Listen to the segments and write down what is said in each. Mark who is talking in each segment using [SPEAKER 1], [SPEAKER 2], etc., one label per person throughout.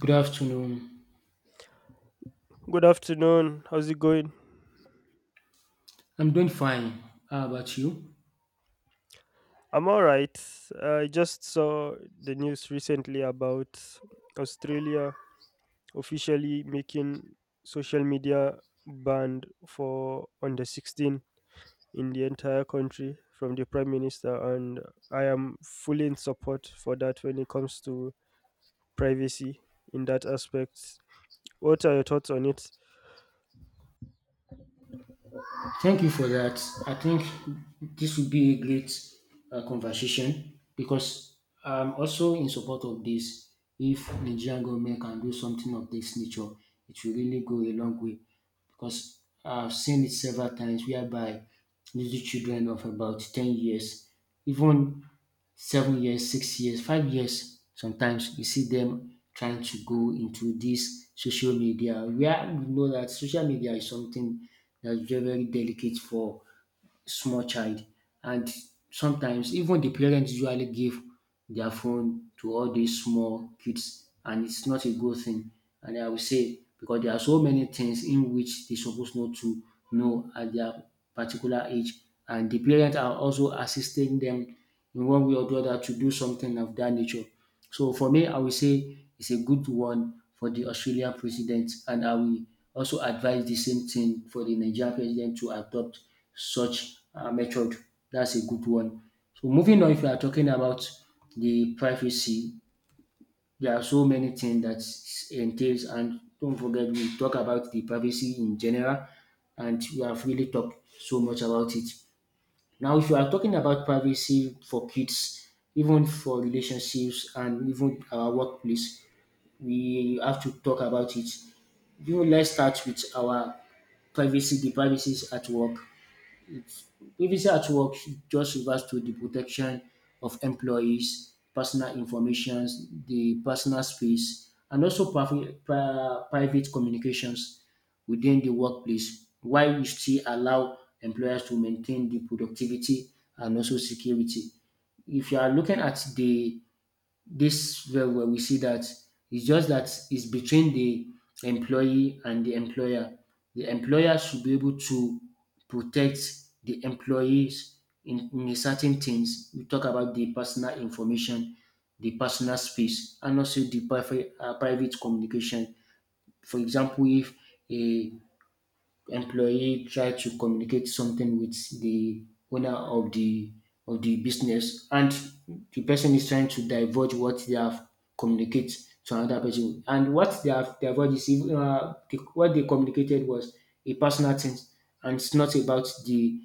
[SPEAKER 1] Good afternoon.
[SPEAKER 2] Good afternoon. How's it going?
[SPEAKER 1] I'm doing fine. How about you?
[SPEAKER 2] I'm all right. I just saw the news recently about Australia officially making social media banned for under 16 in the entire country from the prime minister, and I am fully in support for that when it comes to privacy in that aspect. What are your thoughts on it?
[SPEAKER 1] Thank you for that. I think this will be a great conversation because I'm also in support of this. If Nigerian government can do something of this nature, it will really go a long way because I've seen it several times whereby little children of about 10 years, even 7 years, 6 years, 5 years. Sometimes you see them trying to go into this social media where we know that social media is something that's very, very delicate for small child and sometimes even the parents usually give their phone to all these small kids and it's not a good thing and I will say because there are so many things in which they supposed not to know at their particular age, and the parents are also assisting them in one way or the other to do something of that nature. So for me, I will say it's a good one for the Australian president, and I will also advise the same thing for the Nigerian president to adopt such method. That's a good one. So moving on, if you are talking about the privacy, there are so many things that entails, and don't forget we talk about the privacy in general, and we have really talked so much about it. Now, if you are talking about privacy for kids, even for relationships and even our workplace, we have to talk about it. You know, let's start with our privacy, the privacies at work. Privacy at work just refers to the protection of employees' personal information, the personal space, and also private communications within the workplace, while we still allow employers to maintain the productivity and also security. If you are looking at the this where we see that it's just that it's between the employee and the employer. The employer should be able to protect the employees in a certain things. We talk about the personal information, the personal space, and also the private communication. For example, if a employee try to communicate something with the owner of the business and the person is trying to divulge what they have communicate to another person, and what they have divulged is even what they communicated was a personal thing and it's not about the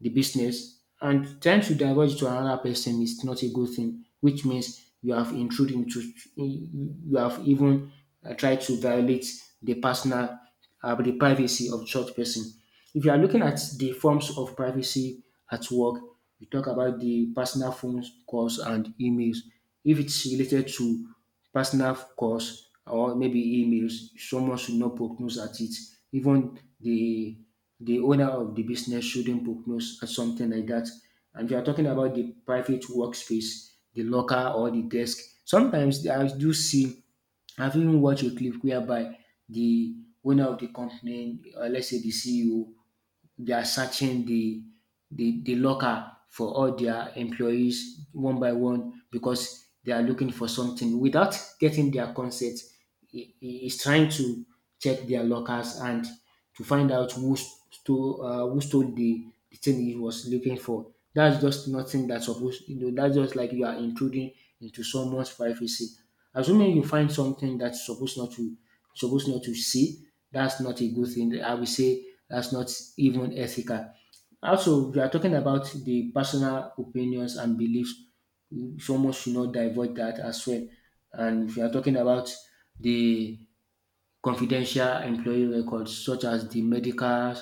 [SPEAKER 1] the business, and trying to divulge to another person is not a good thing, which means you have intruded into, you have even tried to violate the personal the privacy of such person. If you are looking at the forms of privacy at work, we talk about the personal phone calls and emails. If it's related to personal calls or maybe emails, someone should not prognose at it. Even the owner of the business shouldn't prognose at something like that. And we are talking about the private workspace, the locker or the desk. Sometimes I do see, I've even watched a clip whereby the owner of the company, let's say the CEO, they are searching the locker for all their employees one by one because they are looking for something without getting their consent. He is trying to check their lockers and to find out who stole, who stole the thing he was looking for. That's just nothing that's supposed, you know, that's just like you are intruding into someone's privacy. Assuming you find something that's supposed not to see. That's not a good thing. I will say that's not even ethical. Also, we are talking about the personal opinions and beliefs. Someone should not divulge that as well. And if you are talking about the confidential employee records, such as the medical,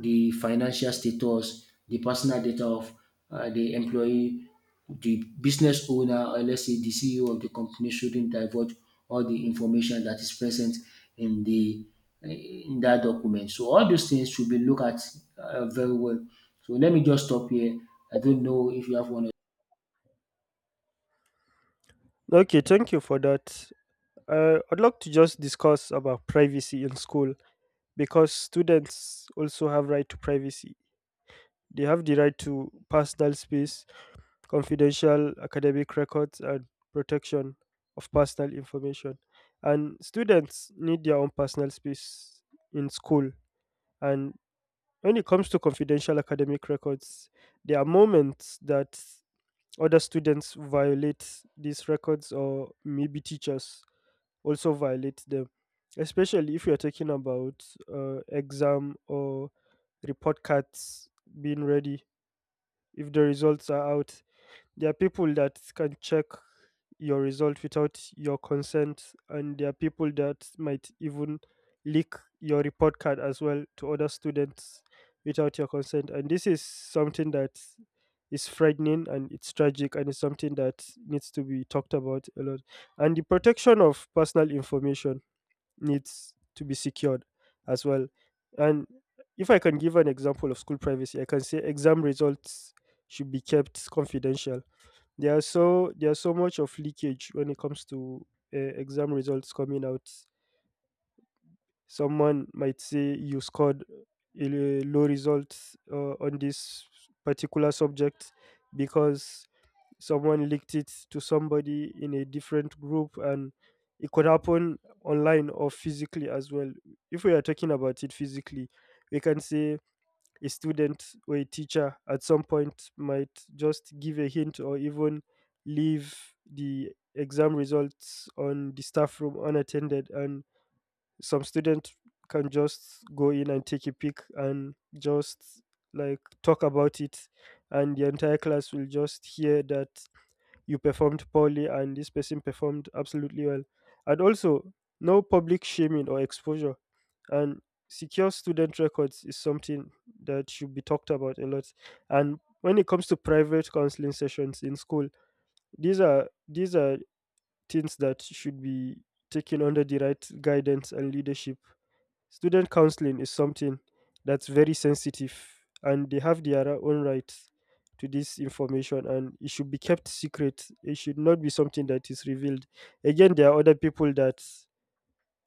[SPEAKER 1] the financial status, the personal data of the employee, the business owner, or let's say the CEO of the company shouldn't divulge all the information that is present in the in that document. So all those things should be looked at very well. So let me just stop here. I don't know if you have one.
[SPEAKER 2] Okay, thank you for that. I'd like to just discuss about privacy in school because students also have right to privacy. They have the right to personal space, confidential academic records, and protection of personal information. And students need their own personal space in school. And when it comes to confidential academic records, there are moments that other students violate these records or maybe teachers also violate them, especially if you're talking about exam or report cards being ready, if the results are out. There are people that can check your result without your consent, and there are people that might even leak your report card as well to other students without your consent. And this is something that is frightening, and it's tragic, and it's something that needs to be talked about a lot. And the protection of personal information needs to be secured as well. And if I can give an example of school privacy, I can say exam results should be kept confidential. There are so there's so much of leakage when it comes to exam results coming out. Someone might say you scored a low result on this particular subject because someone leaked it to somebody in a different group. And it could happen online or physically as well. If we are talking about it physically, we can say a student or a teacher at some point might just give a hint or even leave the exam results on the staff room unattended, and some student can just go in and take a peek and just like talk about it, and the entire class will just hear that you performed poorly and this person performed absolutely well. And also, no public shaming or exposure. And secure student records is something that should be talked about a lot. And when it comes to private counseling sessions in school, these are things that should be taken under the right guidance and leadership. Student counseling is something that's very sensitive, and they have their own rights to this information, and it should be kept secret. It should not be something that is revealed. Again, there are other people that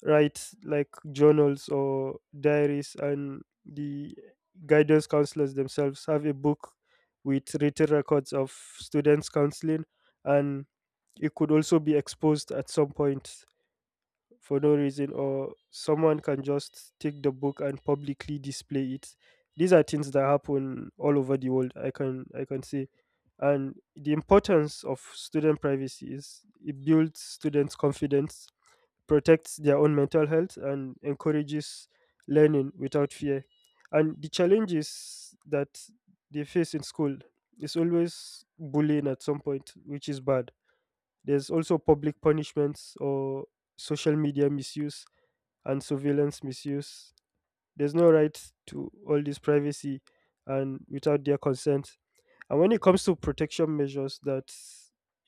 [SPEAKER 2] write like journals or diaries, and the guidance counselors themselves have a book with written records of students counseling, and it could also be exposed at some point for no reason, or someone can just take the book and publicly display it. These are things that happen all over the world, I can say. And the importance of student privacy is it builds students confidence, protects their own mental health, and encourages learning without fear. And the challenges that they face in school is always bullying at some point, which is bad. There's also public punishments or social media misuse and surveillance misuse. There's no right to all this privacy and without their consent. And when it comes to protection measures that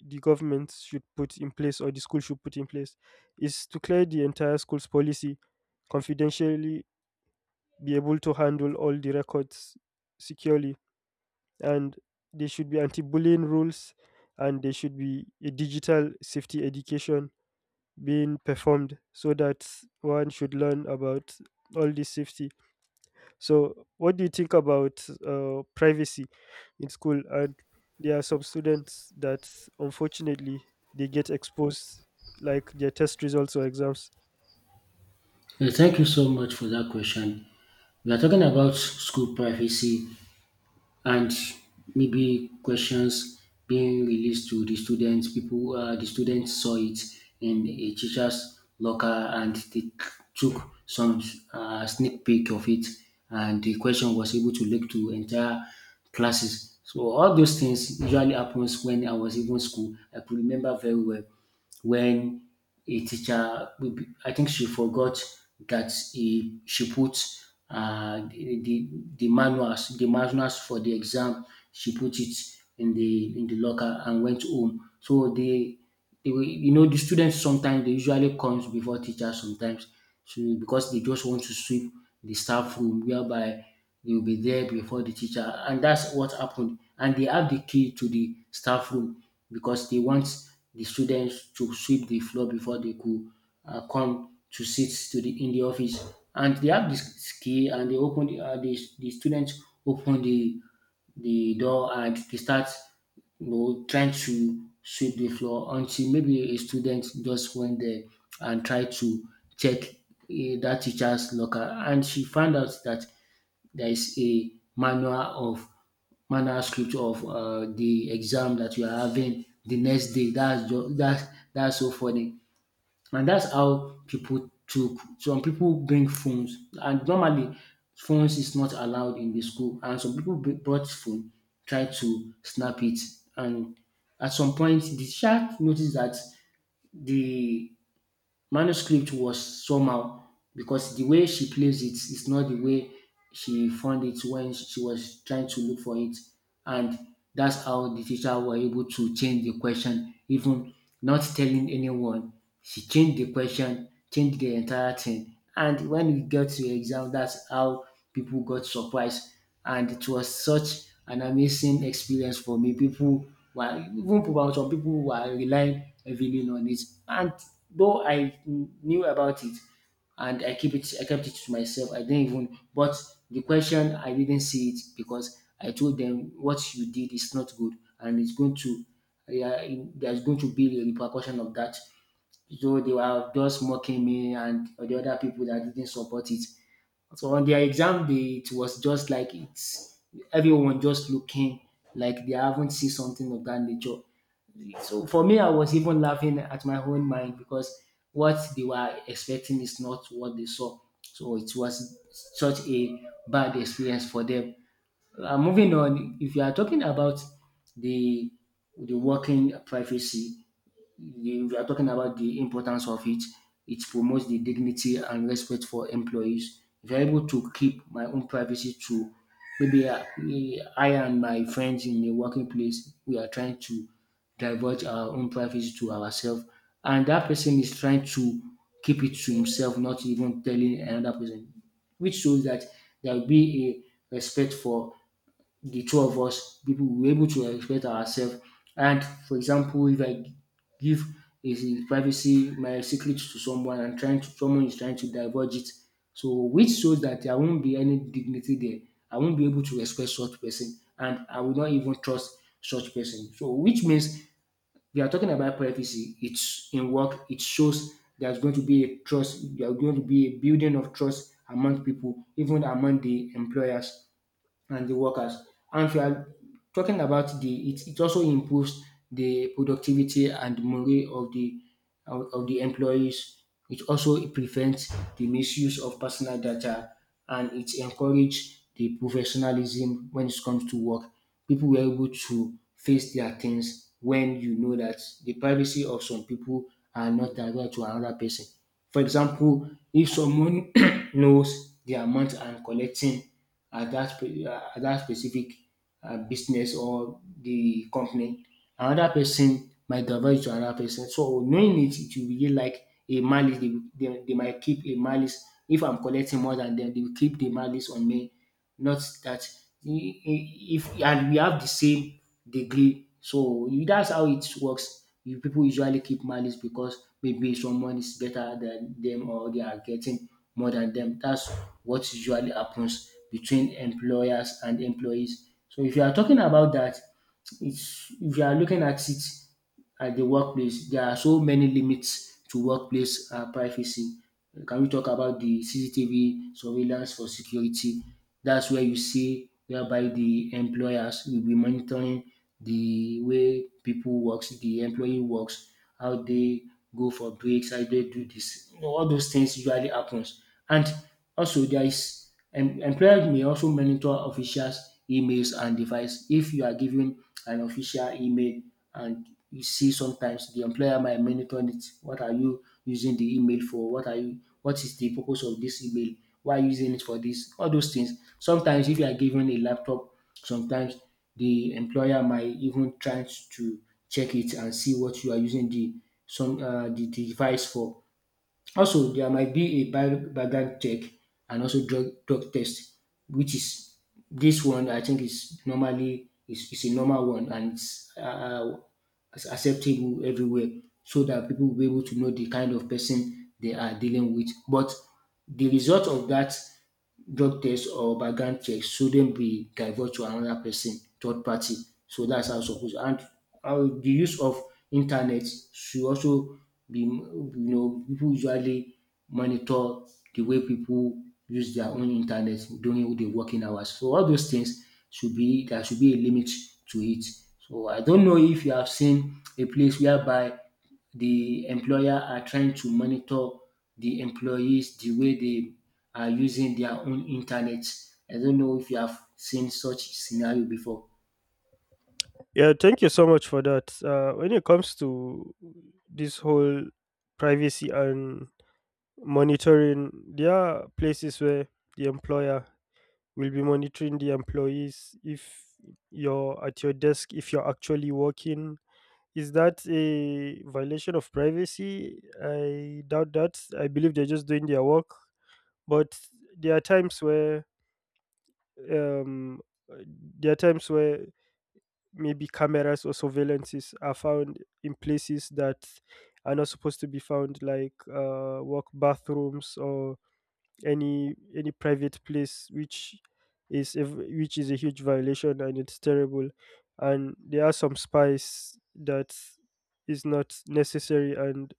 [SPEAKER 2] the government should put in place or the school should put in place, is to clear the entire school's policy, confidentially be able to handle all the records securely, and there should be anti-bullying rules, and there should be a digital safety education being performed so that one should learn about all this safety. So what do you think about privacy in school? And there are some students that unfortunately they get exposed like their test results or exams.
[SPEAKER 1] Yeah, thank you so much for that question. We are talking about school privacy and maybe questions being released to the students. People, the students saw it in a teacher's locker and they took some sneak peek of it, and the question was able to leak to entire classes. So all those things usually happens when I was even school. I could remember very well when a teacher, I think she forgot that she put uh, the, the the manuals for the exam. She put it in the locker and went home. So you know, the students sometimes they usually comes before teachers sometimes. So because they just want to sweep the staff room whereby they will be there before the teacher, and that's what happened. And they have the key to the staff room because they want the students to sweep the floor before they could come to sit to the in the office. And they have this key and they open the students open the door and they start, you know, trying to sweep the floor until maybe a student just went there and tried to check, that teacher's locker, and she found out that there is a manual of manuscript of the exam that you are having the next day. That's just, that's so funny. And that's how people took, some people bring phones, and normally phones is not allowed in the school, and some people brought phone, tried to snap it, and at some point the teacher noticed that the manuscript was somehow because the way she plays it is not the way she found it when she was trying to look for it. And that's how the teacher were able to change the question, even not telling anyone. She changed the question, changed the entire thing. And when we got to the exam, that's how people got surprised. And it was such an amazing experience for me. People were even, people, some people were relying heavily on it. And though I knew about it and I keep it I kept it to myself, I didn't even, but the question I didn't see it because I told them what you did is not good and it's going to, yeah, there's going to be a repercussion of that. So they were just mocking me and the other people that didn't support it. So on their exam day, it was just like it's everyone just looking like they haven't seen something of that nature. So for me, I was even laughing at my own mind because what they were expecting is not what they saw. So it was such a bad experience for them. Moving on, if you are talking about the the working privacy, we are talking about the importance of it. It promotes the dignity and respect for employees. If you're able to keep my own privacy to maybe I and my friends in the working place, we are trying to divulge our own privacy to ourselves, and that person is trying to keep it to himself, not even telling another person, which shows that there will be a respect for the two of us, people will be able to respect ourselves. And for example, if I give is in privacy my secret to someone and trying to, someone is trying to divulge it, so which shows that there won't be any dignity there. I won't be able to respect such person, and I will not even trust such person. So which means we are talking about privacy. It's in work. It shows there's going to be a trust. There's going to be a building of trust among people, even among the employers and the workers. And if you are talking about the it, it also improves the productivity and morale of the employees. It also prevents the misuse of personal data and it encourages the professionalism when it comes to work. People were able to face their things when you know that the privacy of some people are not direct to another person. For example, if someone knows the amount I'm collecting at that at that specific business or the company. Another person might divert to another person. So knowing it, it will really like a malice. They might keep a malice. If I'm collecting more than them, they will keep the malice on me, not that if and we have the same degree. That's how it works. You people usually keep malice because maybe someone is better than them or they are getting more than them. That's what usually happens between employers and employees. So if you are talking about that, it's if you are looking at it at the workplace. There are so many limits to workplace privacy. Can we talk about the CCTV surveillance for security? That's where you see whereby the employers will be monitoring the way people works, the employee works, how they go for breaks, how they do this. All those things usually happens. And also there is employers may also monitor officials' emails and device. If you are given an official email and you see sometimes the employer might monitor it. What are you using the email for? What are you? What is the purpose of this email? Why are you using it for this? All those things. Sometimes if you are given a laptop, sometimes the employer might even try to check it and see what you are using the some the device for. Also, there might be a background check and also drug test, which is this one I think is normally is a normal one, and it's it's acceptable everywhere, so that people will be able to know the kind of person they are dealing with. But the result of that drug test or background check shouldn't be divulged to another person, third party. So that's how it's supposed, and how the use of internet should also be, you know, people usually monitor the way people use their own internet during the working hours. So all those things should be, there should be a limit to it. So I don't know if you have seen a place whereby the employer are trying to monitor the employees, the way they are using their own internet. I don't know if you have seen such scenario before.
[SPEAKER 2] Yeah, thank you so much for that. When it comes to this whole privacy and monitoring, there are places where the employer We'll be monitoring the employees if you're at your desk, if you're actually working. Is that a violation of privacy? I doubt that. I believe they're just doing their work. But there are times where um, there are times where maybe cameras or surveillances are found in places that are not supposed to be found, like work bathrooms or any private place, which is which is a huge violation, and it's terrible. And there are some spies that is not necessary, and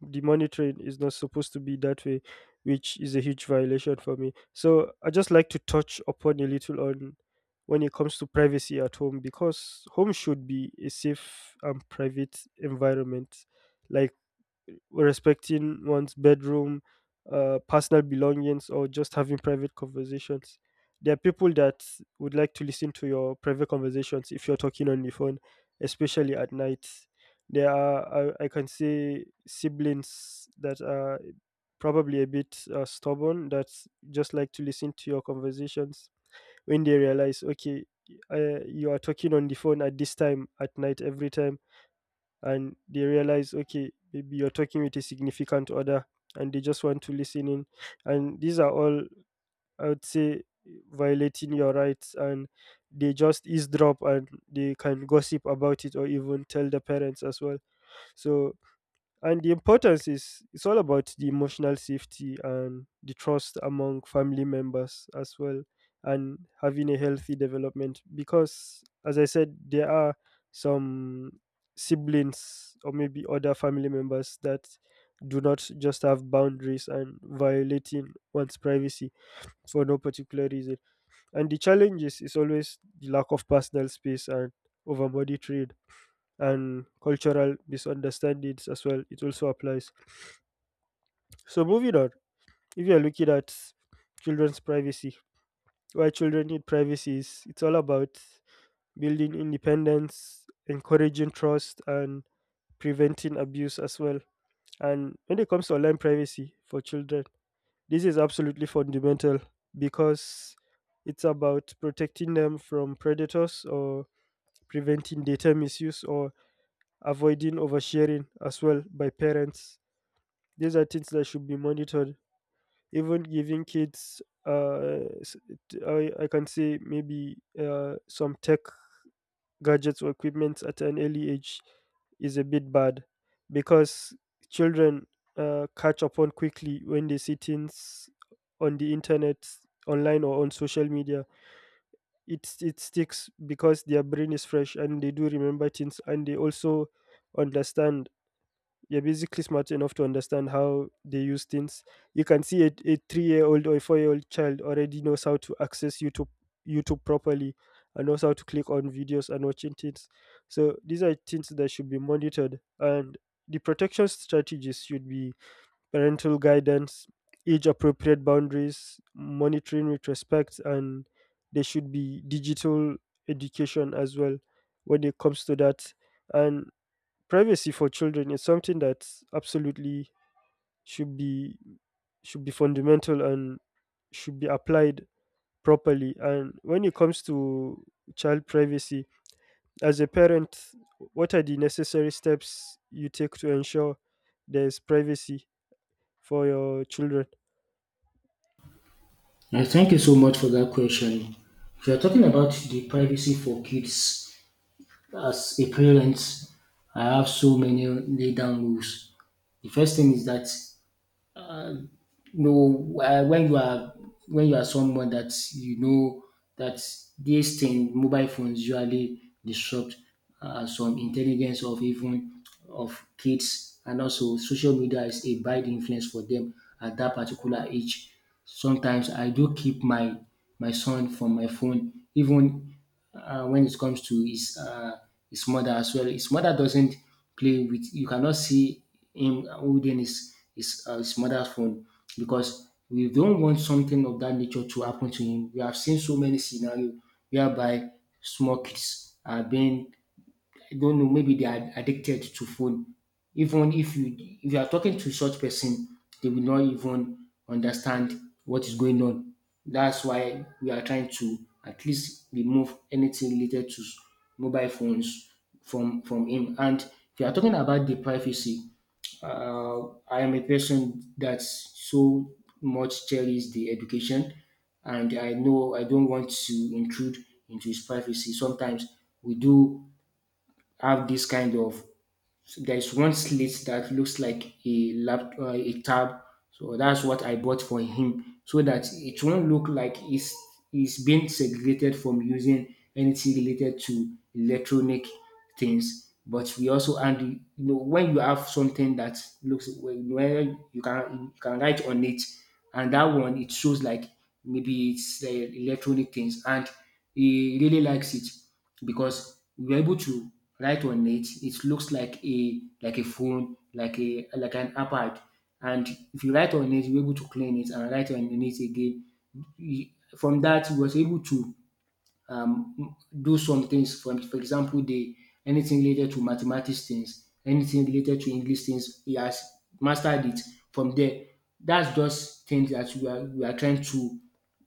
[SPEAKER 2] the monitoring is not supposed to be that way, which is a huge violation for me. So I just like to touch upon a little on when it comes to privacy at home, because home should be a safe and private environment, like respecting one's bedroom, personal belongings, or just having private conversations. There are people that would like to listen to your private conversations if you're talking on the phone, especially at night. There are, I can say, siblings that are probably a bit stubborn, that just like to listen to your conversations. When they realize, okay, you are talking on the phone at this time at night every time, and they realize, okay, maybe you're talking with a significant other, and they just want to listen in, and these are all, I would say, violating your rights. And they just eavesdrop, and they can gossip about it or even tell the parents as well. So, and the importance is it's all about the emotional safety and the trust among family members as well, and having a healthy development. Because, as I said, there are some siblings or maybe other family members that do not just have boundaries and violating one's privacy for no particular reason. And the challenge is always the lack of personal space and overbody trade and cultural misunderstandings as well. It also applies. So moving on, if you're looking at children's privacy, why children need privacy is it's all about building independence, encouraging trust, and preventing abuse as well. And when it comes to online privacy for children, this is absolutely fundamental, because it's about protecting them from predators or preventing data misuse or avoiding oversharing as well by parents. These are things that should be monitored. Even giving kids I can say maybe some tech gadgets or equipment at an early age is a bit bad, because children catch up on quickly when they see things on the internet, online, or on social media. It sticks because their brain is fresh, and they do remember things, and they also understand you're basically smart enough to understand how they use things. You can see a three-year-old or a four-year-old child already knows how to access YouTube properly and knows how to click on videos and watching things. So these are things that should be monitored. And the protection strategies should be parental guidance, age appropriate boundaries, monitoring with respect, and there should be digital education as well when it comes to that. And privacy for children is something that absolutely should be should be fundamental and should be applied properly. And when it comes to child privacy, as a parent, what are the necessary steps you take to ensure there's privacy for your children?
[SPEAKER 1] Yeah, thank you so much for that question. If you're talking about the privacy for kids, as a parent, I have so many lay down rules. The first thing is that no, when you are someone that you know that these thing mobile phones usually disrupt some intelligence of even of kids, and also social media is a bad influence for them at that particular age. Sometimes I do keep my my son from my phone, even when it comes to his mother as well. His mother doesn't play with. You cannot see him holding his his his mother's phone because we don't want something of that nature to happen to him. We have seen so many scenarios whereby small kids are being, I don't know, maybe they are addicted to phone. Even if you are talking to such person, they will not even understand what is going on. That's why we are trying to at least remove anything related to mobile phones from him. And if you are talking about the privacy, I am a person that so much cherishes the education, and I know I don't want to intrude into his privacy. Sometimes we do have this kind of, there's one slit that looks like a lap a tab, so that's what I bought for him so that it won't look like it's being segregated from using anything related to electronic things. But we also, and you know, when you have something that looks, when you can, you can write on it, and that one it shows like maybe it's electronic things, and he really likes it because we are able to write on it. It looks like a phone, like a like an iPad. And if you write on it, you're able to clean it and write on it again. Y- From that, he was able to um, do some things. For example, the anything related to mathematics things, anything related to English things, he has mastered it from there. That's just things that we are trying to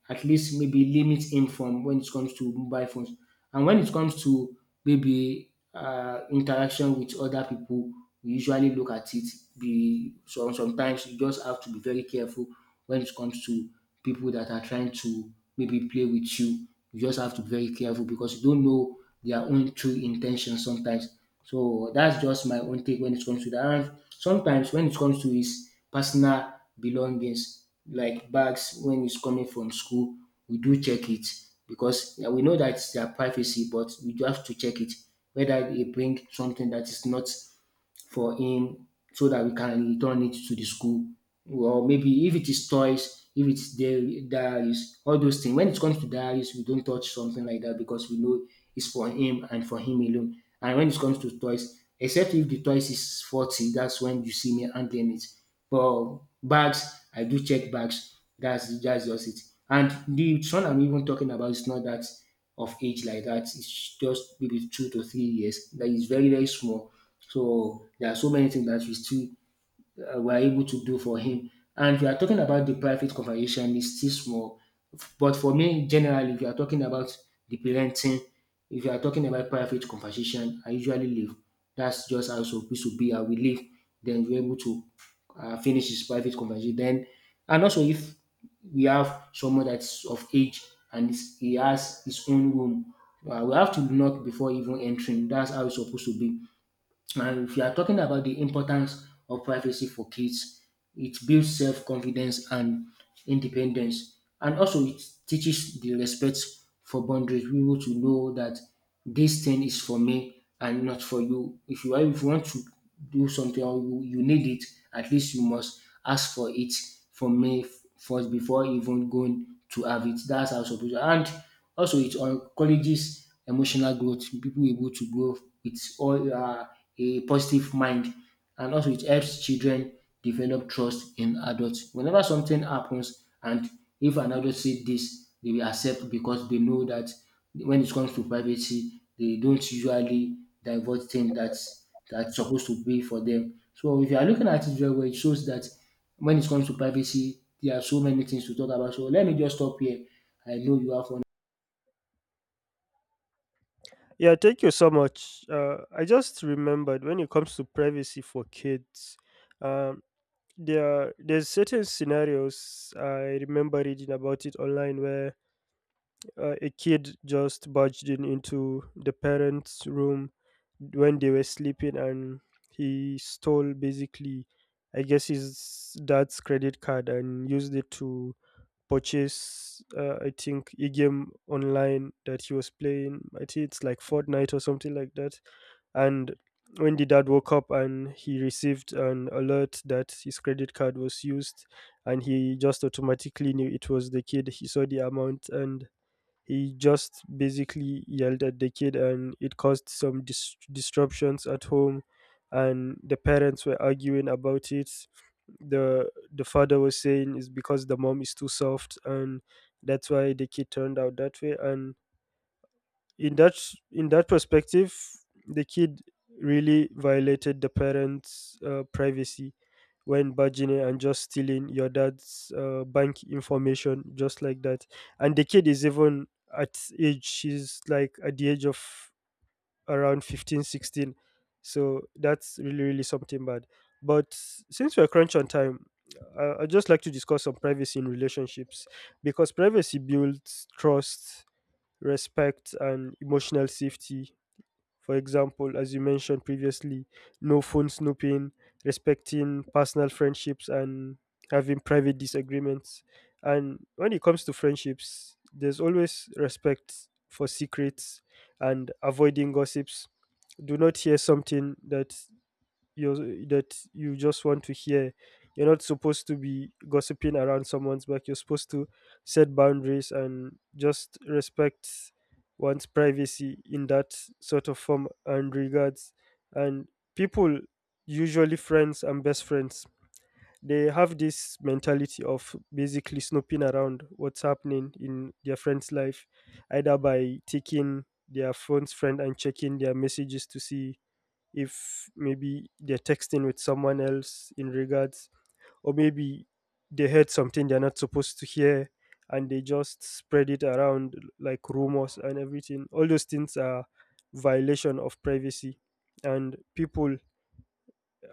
[SPEAKER 1] at least maybe limit him from when it comes to mobile phones. And when it comes to maybe interaction with other people, we usually look at it. Be so sometimes you just have to be very careful when it comes to people that are trying to maybe play with you. You just have to be very careful because you don't know their own true intention sometimes. So that's just my own take when it comes to that. And sometimes when it comes to his personal belongings, like bags when it's coming from school, we do check it because yeah, we know that it's their privacy, but we do have to check it whether they bring something that is not for him so that we can return it to the school, or maybe if it is toys, if it's their diaries. All those things when it comes to diaries, we don't touch something like that because we know it's for him and for him alone. And when it comes to toys, except if the toys is faulty, that's when you see me handling it. But bags, I do check bags. That's just it. And the son I'm even talking about is not that of age like that. It's just maybe 2 to 3 years, that is very very small. So there are so many things that we still were able to do for him. And if you are talking about the private conversation, it's still small. But for me, generally, if you are talking about the parenting, if you are talking about private conversation, I usually leave. That's just how it's supposed to be. I will leave. Then we're able to finish his private conversation. Then, and also if we have someone that's of age and he has his own room, we have to knock before even entering. That's how it's supposed to be. And if you are talking about the importance of privacy for kids, it builds self confidence and independence. And also it teaches the respect for boundaries, people to know that this thing is for me and not for you. If you want to do something, or you need it, at least you must ask for it from me first before even going to have it. That's how it's supposed to. And also it encourages emotional growth, people able to grow with all a positive mind. And also it helps children develop trust in adults. Whenever something happens, and if an adult see this, they will accept because they know that when it comes to privacy, they don't usually divulge things that's supposed to be for them. So if you are looking at it very well, it shows that when it comes to privacy, there are so many things to talk about. So let me just stop here. I know you have one.
[SPEAKER 2] Yeah, thank you so much. I just remembered when it comes to privacy for kids, um, there are, there's certain scenarios I remember reading about it online where a kid just barged in into the parents' room when they were sleeping, and he stole, basically, I guess, his dad's credit card and used it to purchase, I think, a game online that he was playing. I think it's like Fortnite or something like that. And when the dad woke up and he received an alert that his credit card was used, and he just automatically knew it was the kid. He saw the amount and he just basically yelled at the kid, and it caused some disruptions at home. And the parents were arguing about it. The father was saying it's because the mom is too soft, and that's why the kid turned out that way. And in that in that perspective, the kid really violated the parents, privacy, when bargaining and just stealing your dad's bank information just like that. And the kid is even at age, she's like at the age of around 15, 16. So that's really really something bad. But since we're crunch on time, I'd just like to discuss some privacy in relationships, because privacy builds trust, respect, and emotional safety. For example, as you mentioned previously, no phone snooping, respecting personal friendships, and having private disagreements. And when it comes to friendships, there's always respect for secrets and avoiding gossips. Do not hear something that you're that you just want to hear. You're not supposed to be gossiping around someone's back. You're supposed to set boundaries and just respect one's privacy in that sort of form and regards. And people, usually friends and best friends, they have this mentality of basically snooping around what's happening in their friend's life, either by taking their phone's friend and checking their messages to see if maybe they're texting with someone else in regards, or maybe they heard something they're not supposed to hear, and they just spread it around like rumors and everything. All those things are violation of privacy. And people,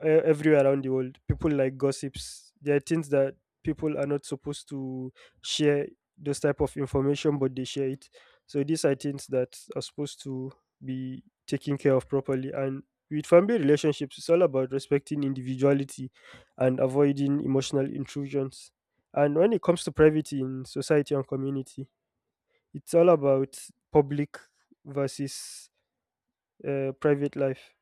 [SPEAKER 2] everywhere around the world, people like gossips. There are things that people are not supposed to share, those type of information, but they share it. So these are things that are supposed to be taken care of properly. And with family relationships, it's all about respecting individuality and avoiding emotional intrusions. And when it comes to privacy in society and community, it's all about public versus private life